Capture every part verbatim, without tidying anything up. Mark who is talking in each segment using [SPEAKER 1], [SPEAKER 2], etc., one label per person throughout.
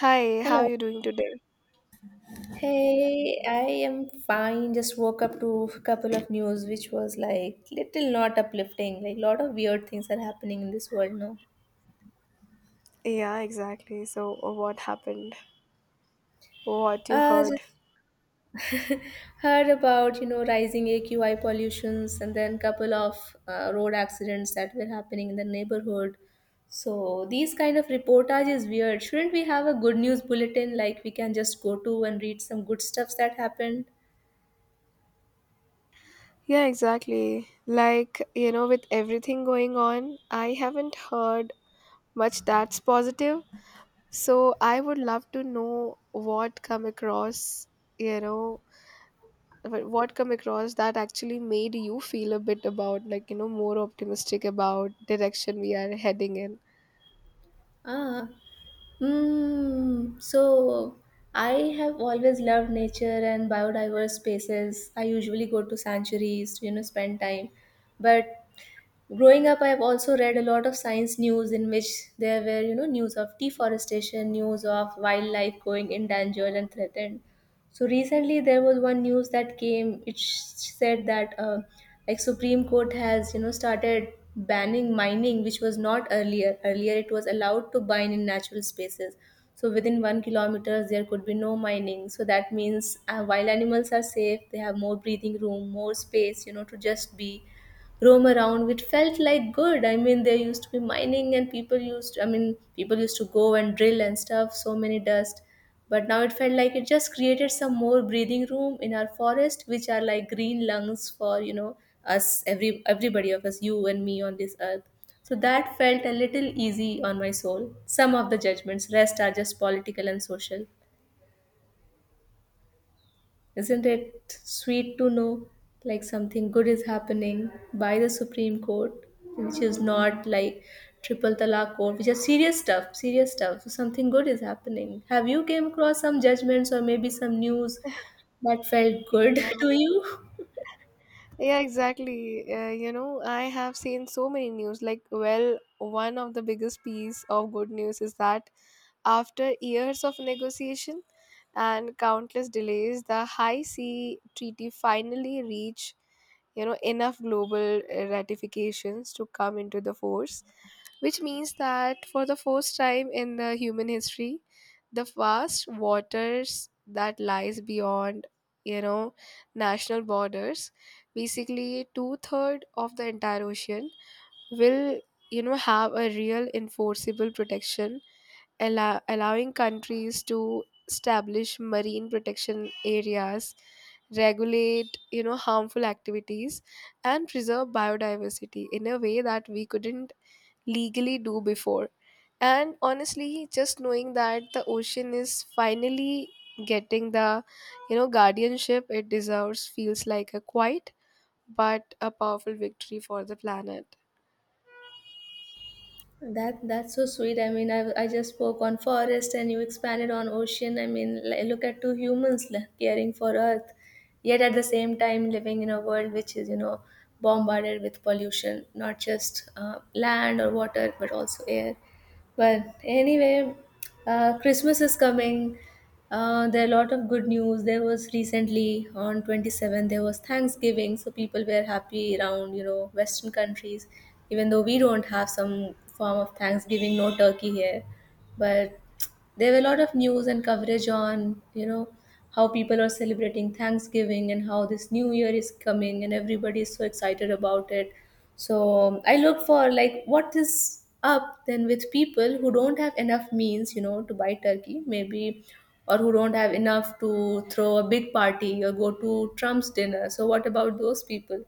[SPEAKER 1] Hi, how are
[SPEAKER 2] Hello.
[SPEAKER 1] you doing today?
[SPEAKER 2] Hey, I am fine. Just woke up to a couple of news which was like little not uplifting. Like lot of weird things are happening in this world now.
[SPEAKER 1] Yeah, exactly. So, uh, what happened? What you
[SPEAKER 2] Uh
[SPEAKER 1] heard?
[SPEAKER 2] just heard about, you know, rising A Q I pollutions and then couple of uh, road accidents that were happening in the neighborhood. So these kind of reportage is weird. Shouldn't we have a good news bulletin like we can just go to and read some good stuffs that happened?
[SPEAKER 1] Yeah, exactly. Like, you know, with everything going on, I haven't heard much that's positive. So, I would love to know what come across, you know, wh- what come across that actually made you feel a bit about like, you know, more optimistic about direction we are heading in.
[SPEAKER 2] Ah. Mm, so I have always loved nature and biodiverse spaces. I usually go to sanctuaries to, you know, spend time. But growing up I've also read a lot of science news in which there were, you know, news of deforestation, news of wildlife going endangered and threatened. So recently there was one news that came. It sh- said that uh, like Supreme Court has, you know, started banning mining, which was not earlier. Earlier it was allowed to mine in natural spaces, so within one kilometers there could be no mining. So that means uh, wild animals are safe, they have more breathing room, more space, you know, to just be, roam around, which felt like good. I mean there used to be mining and people used, i mean people used to go and drill and stuff, so many dust. But now it felt like it just created some more breathing room in our forest, which are like green lungs for, you know, us, every everybody of us, you and me on this earth. So that felt a little easy on my soul. Some of the judgments rest are just political and social. Isn't it sweet to know like something good is happening by the Supreme Court, which is not like triple talaq court, which is serious stuff, serious stuff. So something good is happening. Have you came across some judgments or maybe some news that felt good
[SPEAKER 1] Yeah.
[SPEAKER 2] to you?
[SPEAKER 1] Yeah, exactly. Uh, you know, I have seen so many news. Like, well, one of the biggest piece of good news is that after years of negotiation and countless delays, the High Sea Treaty finally reached, you know, enough global uh, ratifications to come into the force, which means that for the first time in the human history, the vast waters that lies beyond, you know, national borders, basically two-third of the entire ocean will, you know, have a real enforceable protection, allow, allowing countries to establish marine protection areas, regulate, you know, harmful activities, and preserve biodiversity in a way that we couldn't legally do before. And honestly, just knowing that the ocean is finally getting the, you know, guardianship it deserves feels like a quiet but a powerful victory for the planet.
[SPEAKER 2] That that's so sweet. I mean, I, I just spoke on forest and you expanded on ocean. I mean, li- look at two humans li- caring for Earth, yet at the same time living in a world which is, you know, bombarded with pollution, not just uh, land or water, but also air. But anyway, uh, Christmas is coming. Uh, there are a lot of good news. There was recently on twenty-seventh, there was Thanksgiving. So people were happy around, you know, Western countries, even though we don't have some form of Thanksgiving, no turkey here. But there were a lot of news and coverage on, you know, how people are celebrating Thanksgiving and how this new year is coming and everybody is so excited about it. So um, I look for like what is up then with people who don't have enough means, you know, to buy turkey maybe, or who don't have enough to throw a big party or go to Trump's dinner. So what about those people?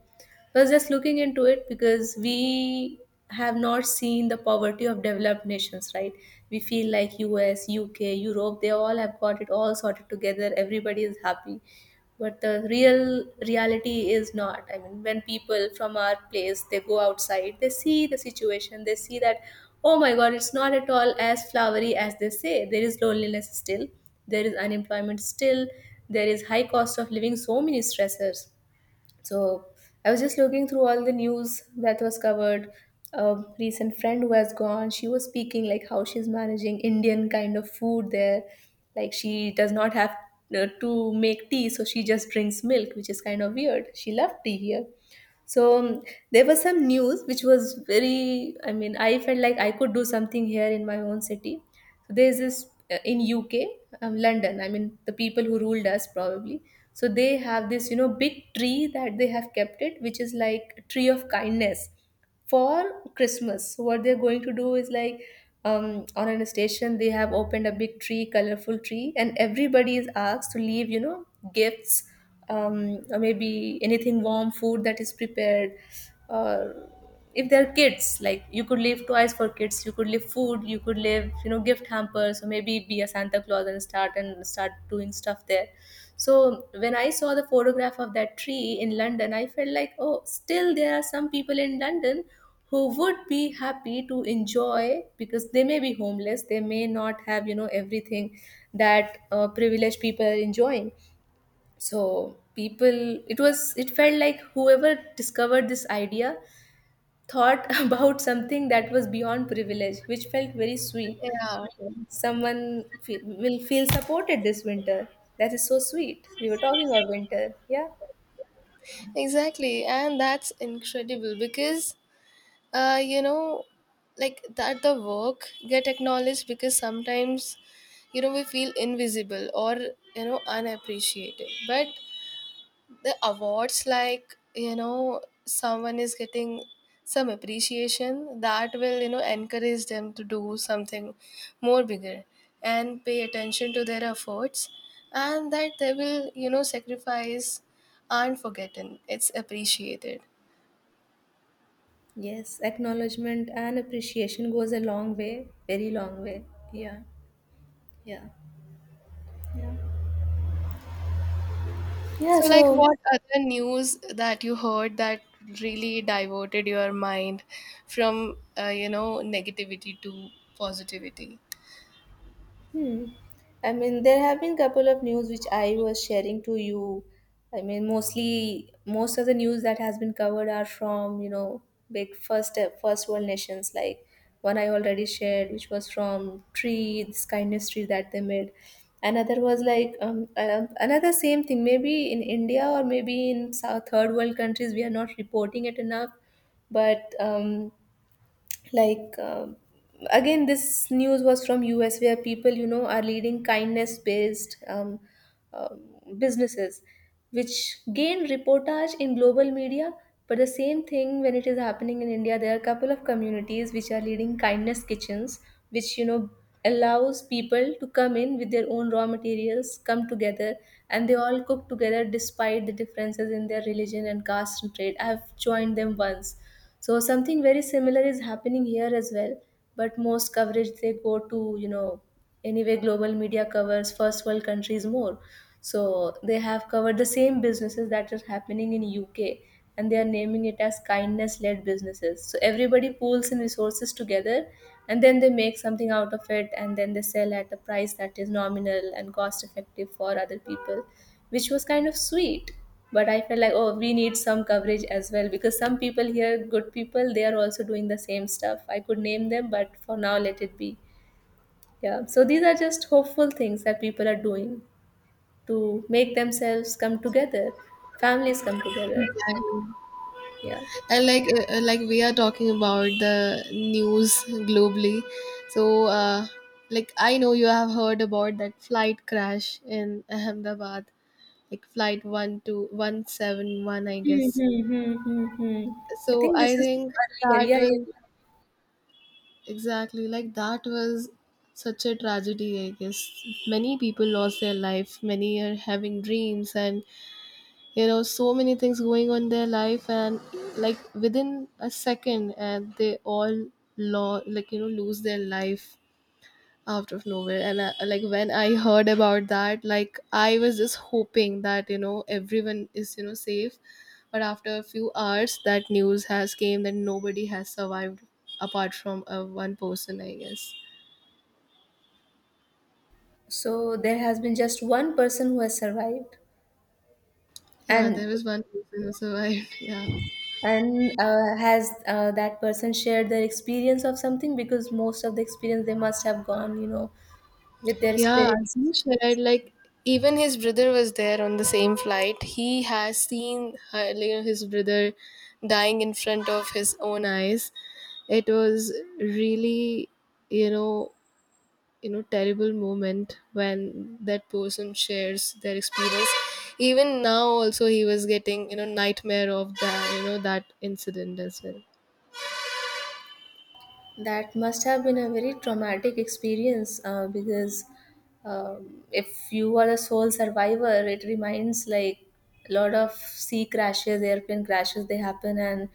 [SPEAKER 2] I was just looking into it because we have not seen the poverty of developed nations, right? We feel like U S, U K, Europe, they all have got it all sorted together. Everybody is happy. But the real reality is not. I mean, when people from our place, they go outside, they see the situation, they see that, oh my God, it's not at all as flowery as they say. There is loneliness still, there is unemployment still, there is high cost of living, so many stressors. So I was just looking through all the news that was covered. A recent friend who has gone, she was speaking like how she's managing Indian kind of food there. Like she does not have uh, to make tea, so she just drinks milk, which is kind of weird. She loved tea here. So um, there was some news which was very, I mean, I felt like I could do something here in my own city. So there's this uh, in UK, um, London, I mean the people who ruled us probably, so they have this, you know, big tree that they have kept it, which is like a tree of kindness for Christmas. What they're going to do is like, um, on an station they have opened a big tree, colorful tree, and everybody is asked to leave, you know, gifts, um, or maybe anything warm, food that is prepared, or if they're kids, like you could leave toys for kids, you could leave food, you could leave, you know, gift hampers, or maybe be a Santa Claus and start and start doing stuff there. So when I saw the photograph of that tree in London, I felt like, oh, still there are some people in London who would be happy to enjoy because they may be homeless, they may not have, you know, everything that uh, privileged people are enjoying. So people, it was, it felt like whoever discovered this idea thought about something that was beyond privilege, which felt very sweet.
[SPEAKER 1] Yeah,
[SPEAKER 2] Someone fe- will feel supported this winter. That is so sweet. We were talking about winter. Yeah.
[SPEAKER 1] exactly. And that's incredible because uh you know, like that the work get acknowledged, because sometimes, you know, we feel invisible or, you know, unappreciated, but the awards, like, you know, someone is getting some appreciation that will, you know, encourage them to do something more bigger and pay attention to their efforts and that they will, you know, sacrifice aren't forgotten, it's appreciated.
[SPEAKER 2] Yes. Acknowledgement and appreciation goes a long way, very long way. Yeah. Yeah. Yeah.
[SPEAKER 1] So, like,
[SPEAKER 2] So,
[SPEAKER 1] what other news that you heard that really diverted your mind from, uh, you know, negativity to positivity?
[SPEAKER 2] hmm, I mean, there have been couple of news which I was sharing to you. I mean, mostly most of the news that has been covered are from, you know, big first first world nations. Like one I already shared, which was from tree, this kindness tree that they made. Another was like um, uh, another same thing. Maybe in India or maybe in South third world countries we are not reporting it enough, but um, like um again this news was from us where people, you know, are leading kindness based um, um, businesses which gain reportage in global media. But the same thing when it is happening in india, there are a couple of communities which are leading kindness kitchens, which, you know, allows people to come in with their own raw materials, come together, and they all cook together despite the differences in their religion and caste and trade. I've joined them once. So something very similar is happening here as well, but most coverage they go to, you know, anyway global media covers first world countries more. So they have covered the same businesses that are happening in U K, and they are naming it as kindness led businesses. So everybody pools in resources together and then they make something out of it and then they sell at a price that is nominal and cost effective for other people, which was kind of sweet. But I felt like, oh, we need some coverage as well because some people here, good people, they are also doing the same stuff. I could name them, but for now let it be. Yeah, so these are just hopeful things that people are doing to make themselves come together, families come together.
[SPEAKER 1] Exactly.
[SPEAKER 2] Yeah.
[SPEAKER 1] And like, uh, uh, like we are talking about the news globally. So, uh, like, I know you have heard about that flight crash in Ahmedabad, like flight one two one seven one, I guess.
[SPEAKER 2] Mm-hmm. I
[SPEAKER 1] So,
[SPEAKER 2] think
[SPEAKER 1] I
[SPEAKER 2] this is
[SPEAKER 1] think
[SPEAKER 2] earlier.
[SPEAKER 1] that
[SPEAKER 2] Yeah,
[SPEAKER 1] was.
[SPEAKER 2] yeah.
[SPEAKER 1] Exactly, like that was such a tragedy, I guess. Many people lost their life, many are having dreams, and you know, so many things going on in their life, and like within a second, and they all lo- like, you know, lose their life out of nowhere. And I, like when I heard about that, like I was just hoping that, you know, everyone is, you know, safe, but after a few hours that news has came that nobody has survived apart from uh, one person, I guess.
[SPEAKER 2] So there has been just one person who has survived,
[SPEAKER 1] Yeah,
[SPEAKER 2] and
[SPEAKER 1] there was one person who survived yeah,
[SPEAKER 2] and uh, has uh, that person shared their experience of something? Because most of the experience they must have gone, you know, with their
[SPEAKER 1] yeah.
[SPEAKER 2] spirits.
[SPEAKER 1] He shared like even his brother was there on the same flight, he has seen her, you know, his brother dying in front of his own eyes. It was really, you know, you know terrible moment when that person shares their experience. Even now also he was getting, you know, nightmare of that, you know, that incident as well.
[SPEAKER 2] That must have been a very traumatic experience uh, because um, if you are the sole survivor, it reminds like a lot of sea crashes, airplane crashes, they happen and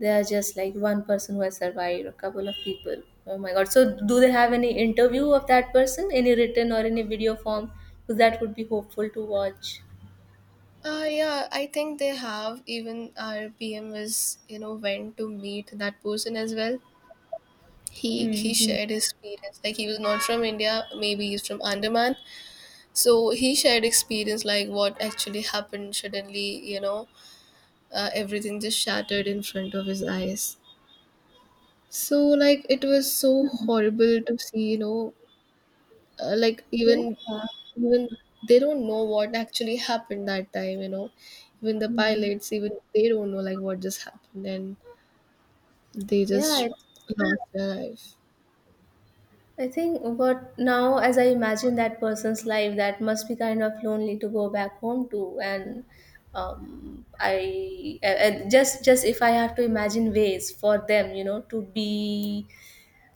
[SPEAKER 2] they are just like one person who has survived, a couple of people. Oh my god. So, do they have any interview of that person, any written or any video form? Because that would be hopeful to watch.
[SPEAKER 1] uh, yeah, I think they have. Even our P M was, you know, went to meet that person as well. He he
[SPEAKER 2] Hmm.
[SPEAKER 1] shared his experience. Like he was not from India, maybe he's from Andaman. So he shared experience like what actually happened suddenly. You know, uh, everything just shattered in front of his eyes. So like it was so
[SPEAKER 2] Hmm.
[SPEAKER 1] horrible to see, you know, uh, like
[SPEAKER 2] Yeah.
[SPEAKER 1] even even they don't know what actually happened that time, you know. Even the
[SPEAKER 2] Mhm.
[SPEAKER 1] pilots, even they don't know like what just happened and they just
[SPEAKER 2] Yeah,
[SPEAKER 1] lost their life.
[SPEAKER 2] I think what now, as I imagine that person's life, that must be kind of lonely to go back home to. And um, I uh, uh, just just if I have to imagine ways for them, you know, to be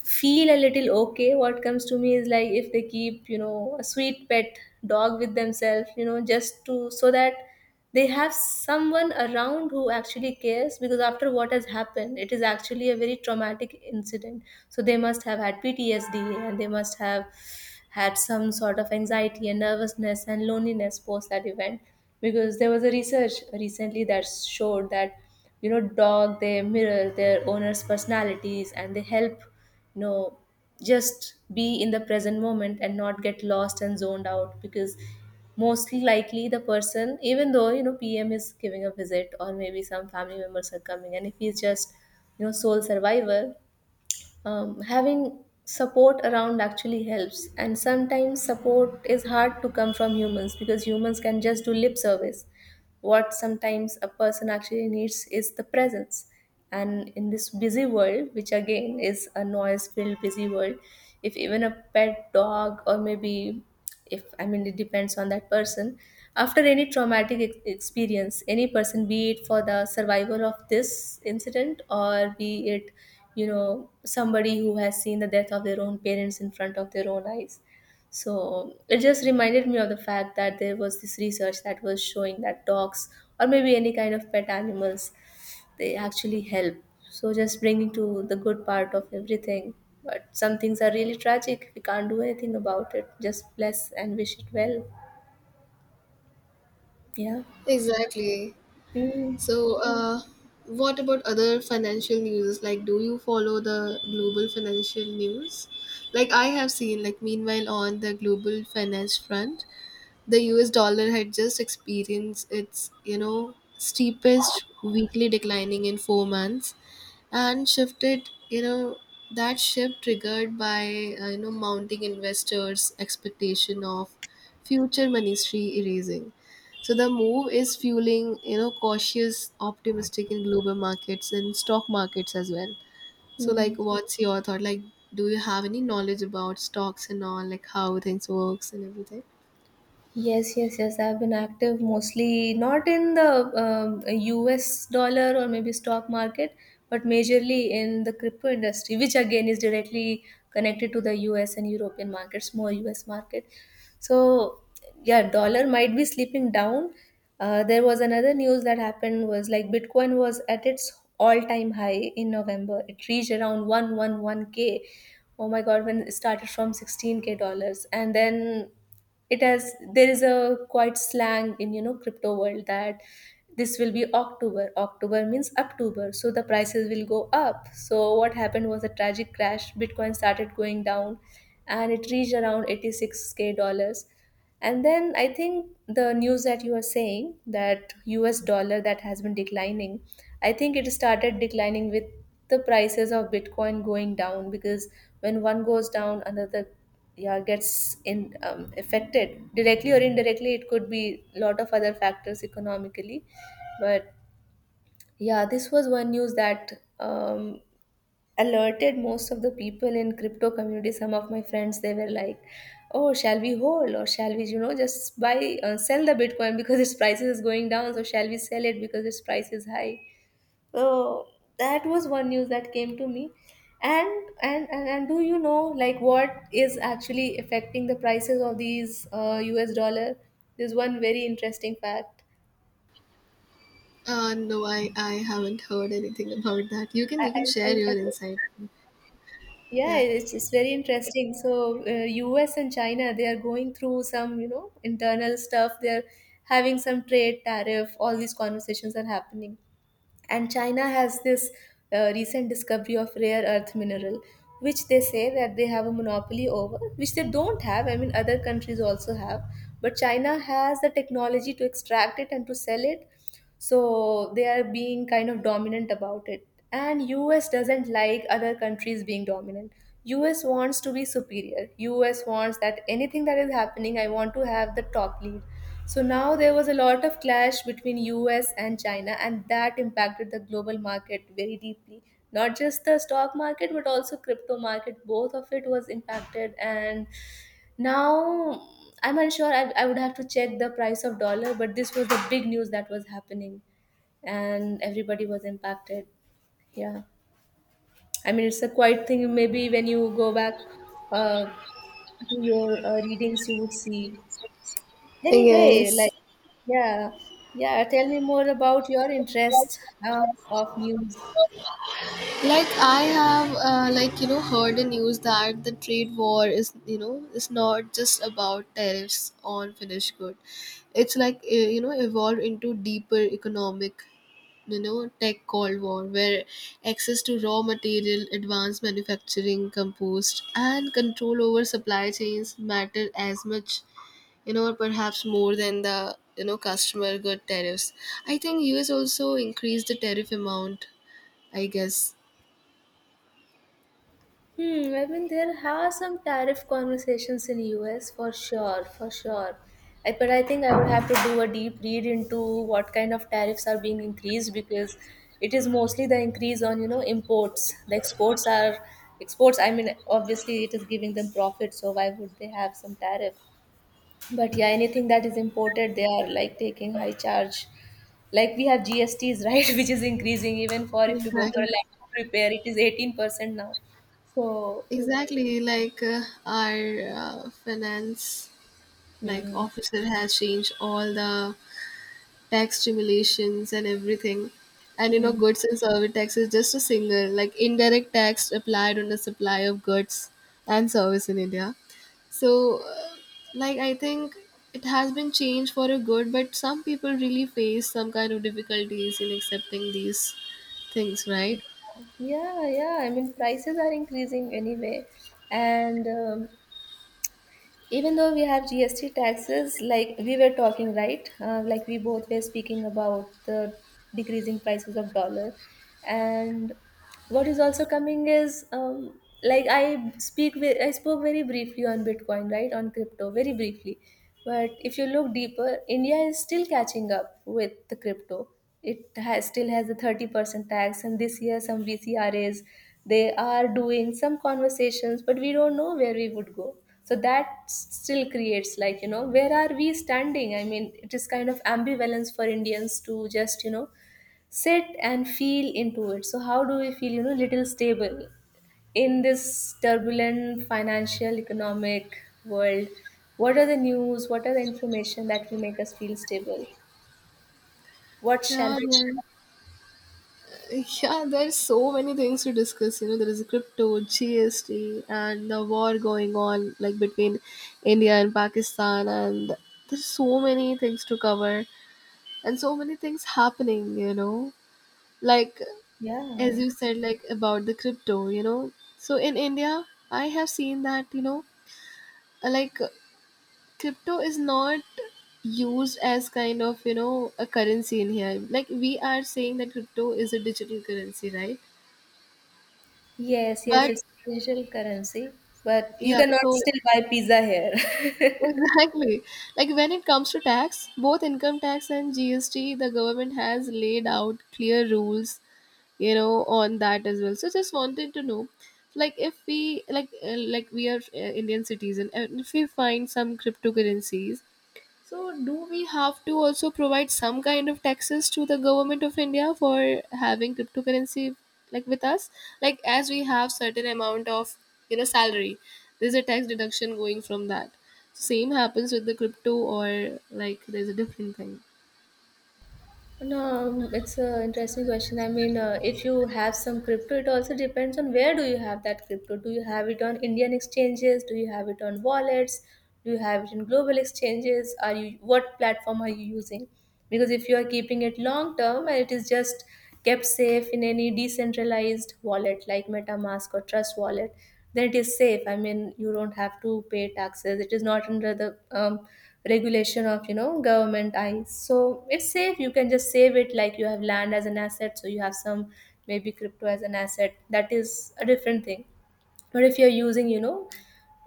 [SPEAKER 2] feel a little okay, what comes to me is like if they keep, you know, a sweet pet dog with themselves, you know, just to, so that they have someone around who actually cares. Because after what has happened, it is actually a very traumatic incident, so they must have had P T S D, and they must have had some sort of anxiety and nervousness and loneliness post that event. Because there was a research recently that showed that, you know, dog, they mirror their owners personalities and they help. No, just be in the present moment and not get lost and zoned out. Because mostly likely the person, even though, you know, P M is giving a visit or maybe some family members are coming, and if he's just, you know, sole survivor, um, having support around actually helps. And sometimes support is hard to come from humans, because humans can just do lip service. What sometimes a person actually needs is the presence. And in this busy world, which again is a noise filled busy world, if even a pet dog or maybe, if, I mean, it depends on that person. After any traumatic ex- experience, any person, be it for the survival of this incident, or be it, you know, somebody who has seen the death of their own parents in front of their own eyes. So it just reminded me of the fact that there was this research that was showing that dogs or maybe any kind of pet animals, they actually help. So just bringing to the good part of everything. But some things are really tragic. We can't do anything about it. Just bless and wish it well. Yeah.
[SPEAKER 1] Exactly.
[SPEAKER 2] Mm.
[SPEAKER 1] So uh what about other financial news? Like do you follow the global financial news? Like I have seen, like meanwhile on the global finance front, the U S dollar had just experienced its, you know, steepest weekly declining in four months and shifted, you know, that shift triggered by, uh, you know, mounting investors' expectation of future monetary easing. So the move is fueling, you know, cautious optimistic in global markets and stock markets as well. So like
[SPEAKER 2] Mm.
[SPEAKER 1] what's your thought? Like do you have any knowledge about stocks and all, like how things works and everything?
[SPEAKER 2] Yes, yes, yes. I've been active mostly not in the um, U S dollar or maybe stock market, but majorly in the crypto industry, which again is directly connected to the U S and European markets, more U S market. So, yeah, dollar might be slipping down. Uh, there was another news that happened was like Bitcoin was at its all-time high in November. It reached around one eleven k. Oh my God, when it started from sixteen k dollars, and then it has, there is a quite slang in, you know, crypto world that this will be October. October means October, so the prices will go up. So what happened was a tragic crash. Bitcoin started going down and it reached around eighty-six k dollars. And then I think the news that you are saying, that US dollar that has been declining, I think it started declining with the prices of Bitcoin going down. Because when one goes down, another, yeah, gets in, um, affected directly or indirectly. It could be a lot of other factors economically, but yeah, this was one news that um, alerted most of the people in crypto community. Some of my friends they were like, "Oh, shall we hold, or shall we, you know, just buy, uh, sell the Bitcoin because its prices is going down? So shall we sell it because its price is high?" So that was one news that came to me. And, and and and do you know like what is actually affecting the prices of these uh, U S dollar? There's one very interesting fact.
[SPEAKER 1] Uh, no, I, I haven't heard anything about that. You can
[SPEAKER 2] I,
[SPEAKER 1] you
[SPEAKER 2] I,
[SPEAKER 1] can
[SPEAKER 2] I,
[SPEAKER 1] share your
[SPEAKER 2] I,
[SPEAKER 1] insight.
[SPEAKER 2] yeah,
[SPEAKER 1] Yeah.
[SPEAKER 2] it's, it's very interesting. So uh, U S and China, they are going through some, you know, internal stuff. They're having some trade tariff. All these conversations are happening. And China has this uh, recent discovery of rare earth mineral, which they say that they have a monopoly over, which they don't have, I mean other countries also have, but China has the technology to extract it and to sell it. So they are being kind of dominant about it, and US doesn't like other countries being dominant. US wants to be superior. US wants that anything that is happening, I want to have the top lead. So now there was a lot of clash between U S and China, and that impacted the global market very deeply. Not just the stock market but also crypto market, both of it was impacted. And now, I'm unsure, I, I would have to check the price of dollar, but this was the big news that was happening, and everybody was impacted. Yeah. I mean it's a quiet thing, maybe when you go back uh, to your uh, readings you would see. Anyway, like,
[SPEAKER 1] Yes.
[SPEAKER 2] yeah, yeah, tell me more about your interest uh, of news.
[SPEAKER 1] Like I have uh, like, you know, heard the news that the trade war is, you know, is not just about tariffs on finished good, it's like eh, you know, evolved into deeper economic, you know, tech cold war where access to raw material, advanced manufacturing compost, and control over supply chains matter as much, you know, or perhaps more than the, you know, customer good tariffs. I think U S also increased the tariff amount, I guess.
[SPEAKER 2] Hmm, I mean, there are some tariff conversations in U S for sure, for sure. I, but I think I would have to do a deep read into what kind of tariffs are being increased, because it is mostly the increase on, you know, imports. The exports are exports, I mean, obviously it is giving them profit, so why would they have some tariff? But yeah, anything that is imported, they are like taking high charge. Like we have G S Ts, right, which is increasing even for if you go for
[SPEAKER 1] Exactly,
[SPEAKER 2] a laptop repair, it is eighteen percent now. So,
[SPEAKER 1] exactly. Like uh, our uh, finance, like
[SPEAKER 2] mm,
[SPEAKER 1] officer has changed all the tax stimulations and everything. And you know,
[SPEAKER 2] mm,
[SPEAKER 1] goods and service tax is just a single, like indirect tax applied on the supply of goods and service in India. So, uh, like, I think it has been changed for a good, but some people really face some kind of difficulties in accepting these things, right?
[SPEAKER 2] yeah, yeah, I mean, prices are increasing anyway. And um, even though we have G S T taxes, like we were talking, right? Uh, like we both were speaking about the decreasing prices of dollar, and what is also coming is, um, like I speak with, I spoke very briefly on Bitcoin, right? On crypto, very briefly. But if you look deeper, India is still catching up with the crypto. It has, still has the thirty percent tax, and this year some vcras, they are doing some conversations, but we don't know where we would go. So that s- still creates like, you know, where are we standing. I mean it is kind of ambivalence for Indians to just, you know, sit and feel into it. So how do we feel, you know, little stable in this turbulent financial economic world? What are the news, what are the information that will make us feel stable? What shall
[SPEAKER 1] Yeah,
[SPEAKER 2] be?
[SPEAKER 1] yeah. Yeah, there's so many things to discuss. You know, there is crypto, G S T, and the war going on like between India and Pakistan, and there's so many things to cover and so many things happening. You know, like as
[SPEAKER 2] Yeah.
[SPEAKER 1] you said, like about the crypto. You know, so in India, I have seen that, you know, like crypto is not used as kind of, you know, a currency in here. Like we are saying that crypto is a digital currency, right? Yeah.
[SPEAKER 2] Yes, yes,
[SPEAKER 1] But
[SPEAKER 2] it's digital currency, but you
[SPEAKER 1] yeah,
[SPEAKER 2] cannot
[SPEAKER 1] so
[SPEAKER 2] still buy pizza here.
[SPEAKER 1] exactly. Like when it comes to tax, both income tax and G S T, the government has laid out clear rules, you know, on that as well. So just wanted to know, like if we like uh, like we are uh, Indian citizen and if we find some cryptocurrencies, so, do we have to also provide some kind of taxes to the government of India for having cryptocurrency like with us? Like, as we have certain amount of, you know, salary, there's a tax deduction going from that. Same happens with the crypto, or like there's a different thing.
[SPEAKER 2] No, it's an interesting question. I mean, uh, if you have some crypto, it also depends on where do you have that crypto. Do you have it on Indian exchanges? Do you have it on wallets? Do you have it in global exchanges? Are you, what platform are you using? Because if you are keeping it long term and it is just kept safe in any decentralized wallet like MetaMask or Trust Wallet, then it is safe. I mean, you don't have to pay taxes. It is not under the um, regulation of, you know, government eyes. So it's safe. You can just save it, like you have land as an asset. So you have some, maybe crypto as an asset. That is a different thing. But if you're using, you know,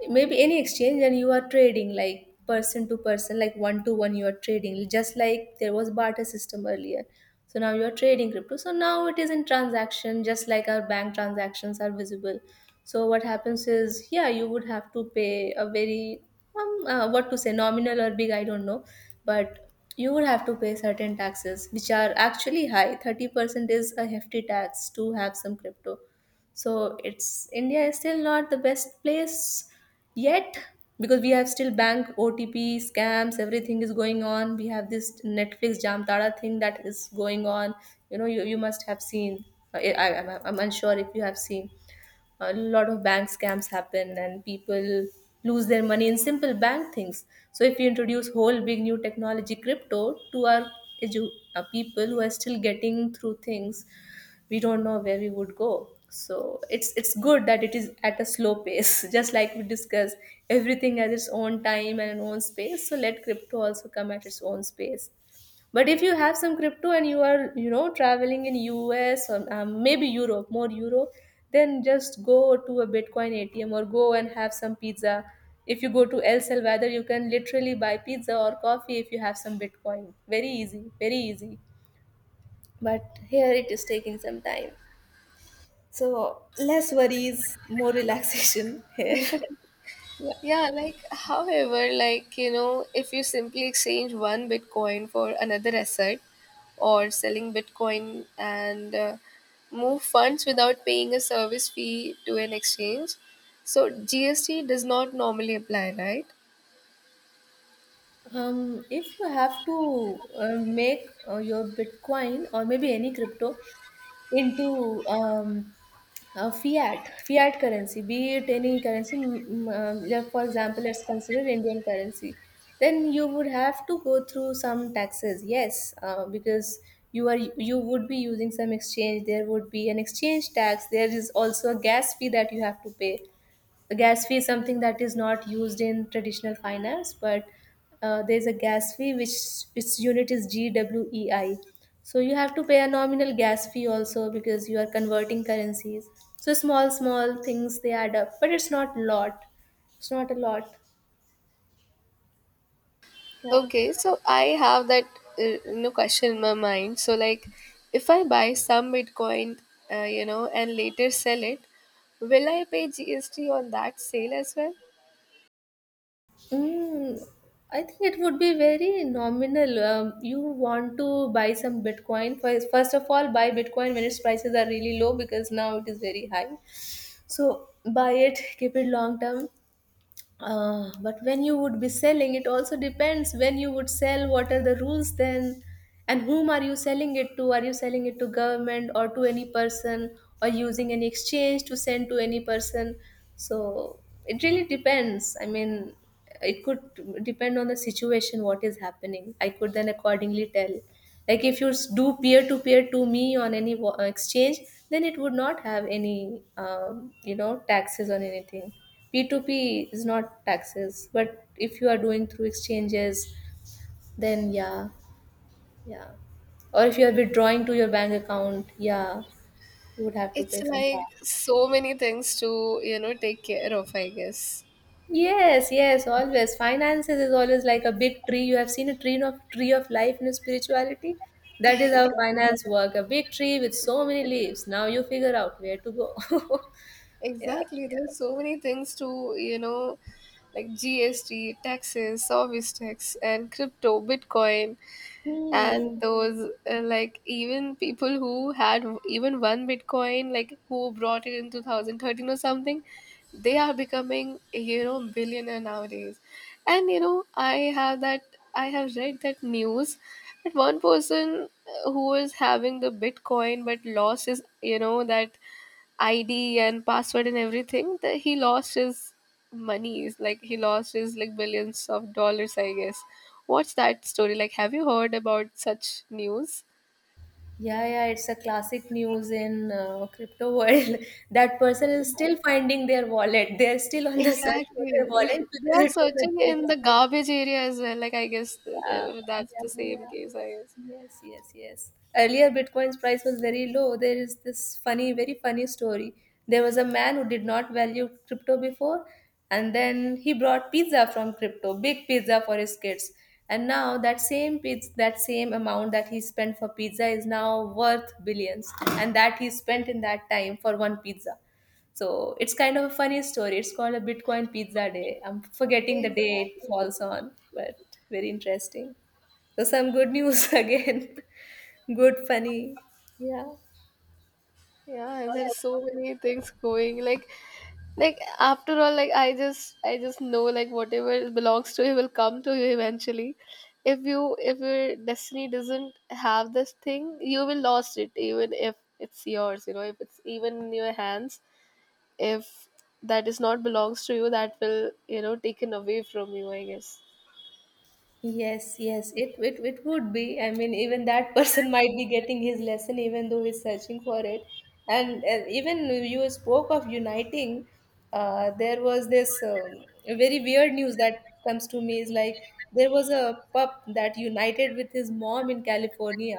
[SPEAKER 2] maybe any exchange, and you are trading like person to person, like one to one, you are trading, just like there was barter system earlier, so now you are trading crypto. So now it is in transaction, just like our bank transactions are visible. So what happens is, yeah, you would have to pay a very um, uh, what to say, nominal or big, I don't know, but you would have to pay certain taxes which are actually high. thirty percent is a hefty tax to have some crypto. So it's, India is still not the best place yet, because we have still bank O T P scams, everything is going on. We have this Netflix Jamtara thing that is going on. You know, you, you must have seen. Uh, I, I, I'm I'm unsure if you have seen. A lot of bank scams happen and people lose their money in simple bank things. So if we introduce whole big new technology, crypto, to our edu- uh, people who are still getting through things, we don't know where we would go. So it's it's good that it is at a slow pace just like we discussed. Everything has its own time and own space, so let crypto also come at its own space. But if you have some crypto and you are, you know, traveling in US or um, maybe europe more Europe, then just go to a Bitcoin A T M or go and have some pizza. If you go to El Salvador, you can literally buy pizza or coffee if you have some Bitcoin. Very easy, very easy. But here it is taking some time. So less worries, more relaxation here. Yeah.
[SPEAKER 1] Yeah, like, however, like, you know, if you simply exchange one Bitcoin for another asset or selling Bitcoin and uh, move funds without paying a service fee to an exchange, so G S T does not normally apply, right?
[SPEAKER 2] Um, if you have to uh, make uh, your Bitcoin or maybe any crypto into um, a fiat fiat currency, be it any currency, mm, mm, um, like for example, let's consider Indian currency, then you would have to go through some taxes. Yes, uh, because you are you would be using some exchange. There would be an exchange tax. There is also a gas fee that you have to pay. A gas fee is something that is not used in traditional finance, but uh, there's a gas fee which its unit is gwei. So you have to pay a nominal gas fee also because you are converting currencies. So small small things, they add up, but it's not lot, it's not a lot. Yeah.
[SPEAKER 1] Okay, so I have that uh, you know, question in my mind. So like, if I buy some Bitcoin, uh, you know, and later sell it, will I pay G S T on that sale as well?
[SPEAKER 2] Mm, I think it would be very nominal. Um, you want to buy some Bitcoin. First, first of all, buy Bitcoin when its prices are really low because now it is very high. So buy it, keep it long term. Uh, but when you would be selling, it also depends when you would sell, what are the rules then, and whom are you selling it to. Are you selling it to government or to any person, or using any exchange to send to any person? So it really depends, I mean. It could depend on the situation, what is happening. I could then accordingly tell. Like if you s- do peer to peer to me on any wa- uh, exchange, then it would not have any um, you know taxes on anything. p two p is not taxes, but if you are doing through exchanges, then yeah. Yeah. Or if you are withdrawing to your bank account, yeah, you would have to
[SPEAKER 1] It's
[SPEAKER 2] pay some
[SPEAKER 1] like
[SPEAKER 2] tax.
[SPEAKER 1] so many things to, you know, take care of, I guess.
[SPEAKER 2] Yes, yes, always. Finances is always like a big tree. You have seen a tree of tree of life in spirituality. That is how finance work. A big tree with so many leaves. Now you figure out where to go. Yeah.
[SPEAKER 1] Exactly. There's so many things to, you know, like G S T, taxes, service tax, and crypto, Bitcoin.
[SPEAKER 2] Hmm.
[SPEAKER 1] And those uh, like even people who had even one bitcoin, like who brought it in twenty thirteen or something, they are becoming, you know, billionaire nowadays. And you know, i have that i have read that news that one person, uh, who was having the bitcoin but lost his, you know, that I D and password and everything, that he lost his monies, like he lost his like billions of dollars, I guess. What's that story? Like, have you heard about such news?
[SPEAKER 2] Yeah, yeah, it's a classic news in uh, crypto world. That person is still finding their wallet. They're still on the search for their
[SPEAKER 1] Exactly.
[SPEAKER 2] wallet
[SPEAKER 1] They
[SPEAKER 2] because
[SPEAKER 1] are
[SPEAKER 2] it was a
[SPEAKER 1] searching
[SPEAKER 2] big.
[SPEAKER 1] in the garbage area as well. Like, I guess
[SPEAKER 2] Yeah,
[SPEAKER 1] uh, that's the
[SPEAKER 2] yeah,
[SPEAKER 1] same
[SPEAKER 2] yeah.
[SPEAKER 1] case, I guess.
[SPEAKER 2] Yes, yes, yes. Earlier, Bitcoin's price was very low. There is this funny, very funny story. There was a man who did not value crypto before, and then he brought pizza from crypto, big pizza for his kids. And now that same pizza, that same amount that he spent for pizza is now worth billions, and that he spent in that time for one pizza. So it's kind of a funny story. It's called a Bitcoin Pizza Day. I'm forgetting the day it
[SPEAKER 1] Exactly.
[SPEAKER 2] falls on, but very interesting. So some good news again. Good, funny. Yeah.
[SPEAKER 1] Yeah, there's so many things going. Like, like after all, like I just, I just know like whatever belongs to you will come to you eventually. If you, if your destiny doesn't have this thing, you will lost it. Even if it's yours, you know, if it's even in your hands, if that is not belongs to you, that will, you know, taken away from you, I guess.
[SPEAKER 2] Yes, yes, it, it it would be. I mean, even that person might be getting his lesson, even though he's searching for it. And uh, even you spoke of uniting. Uh, there was this um, very weird news that comes to me is like there was a pup that united with his mom in California,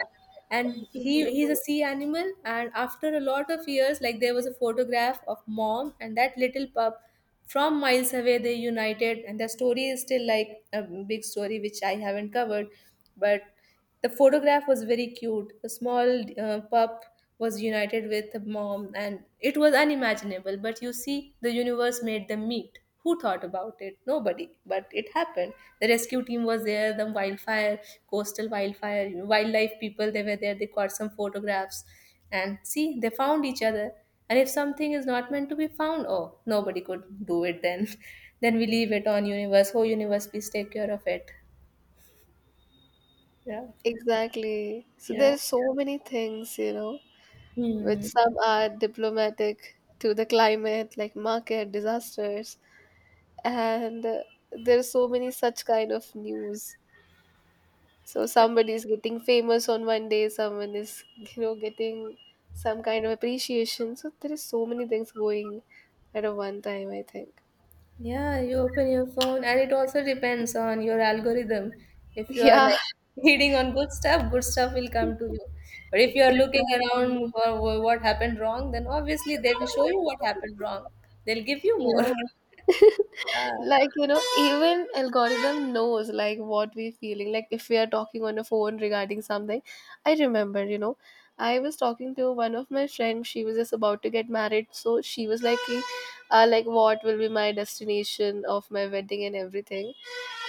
[SPEAKER 2] and he
[SPEAKER 1] Hmm.
[SPEAKER 2] he's a sea animal. And after a lot of years, like there was a photograph of mom and that little pup from miles away. They united and the story is still like a big story, which I haven't covered. But the photograph was very cute. A small uh, pup was united with a mom and it was unimaginable, but you see the universe made them meet. Who thought about it? Nobody. But it happened. The rescue team was there, the wildfire, coastal wildfire, you know, wildlife people, they were there, they caught some photographs. And see, they found each other. And if something is not meant to be found, oh, nobody could do it then. Then we leave it on universe. Oh, universe, please take care of it. Yeah.
[SPEAKER 1] Exactly. So
[SPEAKER 2] Yeah.
[SPEAKER 1] there's so many things, you know, which
[SPEAKER 2] Hmm.
[SPEAKER 1] some are diplomatic to the climate, like market disasters, and uh, there are so many such kind of news. So somebody is getting famous on one day, someone is, you know, getting some kind of appreciation. So there is so many things going at a one time, I think.
[SPEAKER 2] Yeah, you open your phone, and it also depends on your algorithm. If you are
[SPEAKER 1] Yeah,
[SPEAKER 2] like feeding on good stuff, good stuff will come to you. But if you are looking
[SPEAKER 1] exactly.
[SPEAKER 2] around for wh- what happened wrong, then obviously they will show you what happened wrong. They'll give you more.
[SPEAKER 1] Yeah.
[SPEAKER 2] Yeah.
[SPEAKER 1] Like, you know, even algorithm knows like what we're feeling, like if we are talking on a phone regarding something. I remember, you know, I was talking to one of my friends, she was just about to get married, so she was like, "Ki, uh, like what will be my destination of my wedding and everything."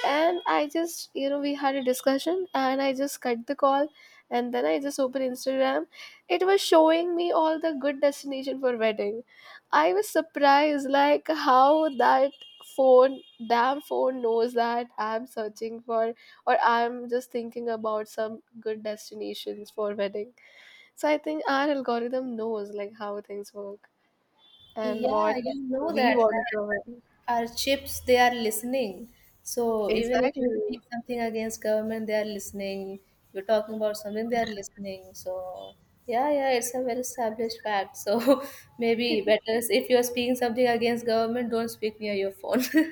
[SPEAKER 1] And I just, you know, we had a discussion and I just cut the call, and then I just opened Instagram. It was showing me all the good destination for wedding. I was surprised like how that phone damn phone knows that I'm searching for or I'm just thinking about some good destinations for wedding. So I think our algorithm knows like how things work and
[SPEAKER 2] Yeah,
[SPEAKER 1] what
[SPEAKER 2] you know
[SPEAKER 1] we
[SPEAKER 2] that,
[SPEAKER 1] want
[SPEAKER 2] right?
[SPEAKER 1] to win.
[SPEAKER 2] Our chips, they are listening. So even if you speak
[SPEAKER 1] Exactly.
[SPEAKER 2] something against government, they are listening. You're talking about something, they are listening. So yeah, yeah, it's a well established fact. So maybe better is if you're speaking something against government, don't speak near your phone.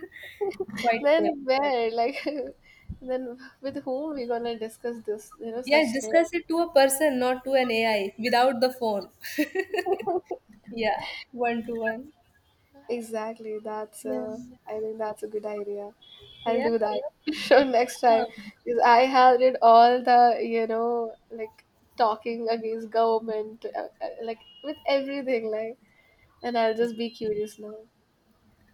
[SPEAKER 2] Quite tip.
[SPEAKER 1] Then where, like, then with whom we gonna discuss this? You know,
[SPEAKER 2] Yeah,
[SPEAKER 1] such thing.
[SPEAKER 2] discuss it to a person, not to an ai without the phone. Yeah, one to one.
[SPEAKER 1] Exactly. That's.
[SPEAKER 2] yeah
[SPEAKER 1] Uh, I think that's a good idea. I'll
[SPEAKER 2] yeah
[SPEAKER 1] do that. Sure, next time, because I had it all the, you know, like talking against government, uh, uh, like with everything, like, and I'll just be curious now.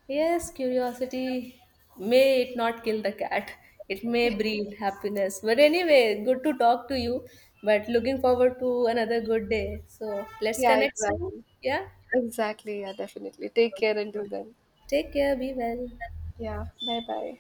[SPEAKER 2] Yes, curiosity may it not kill the cat. It may breed happiness. But anyway, good to talk to you. But looking forward to another good day. So let's
[SPEAKER 1] Yeah.
[SPEAKER 2] connect soon.
[SPEAKER 1] Exactly.
[SPEAKER 2] Yeah.
[SPEAKER 1] Exactly. Yeah. Definitely. Take care until then.
[SPEAKER 2] Take care. Be well.
[SPEAKER 1] Yeah. Bye. Bye.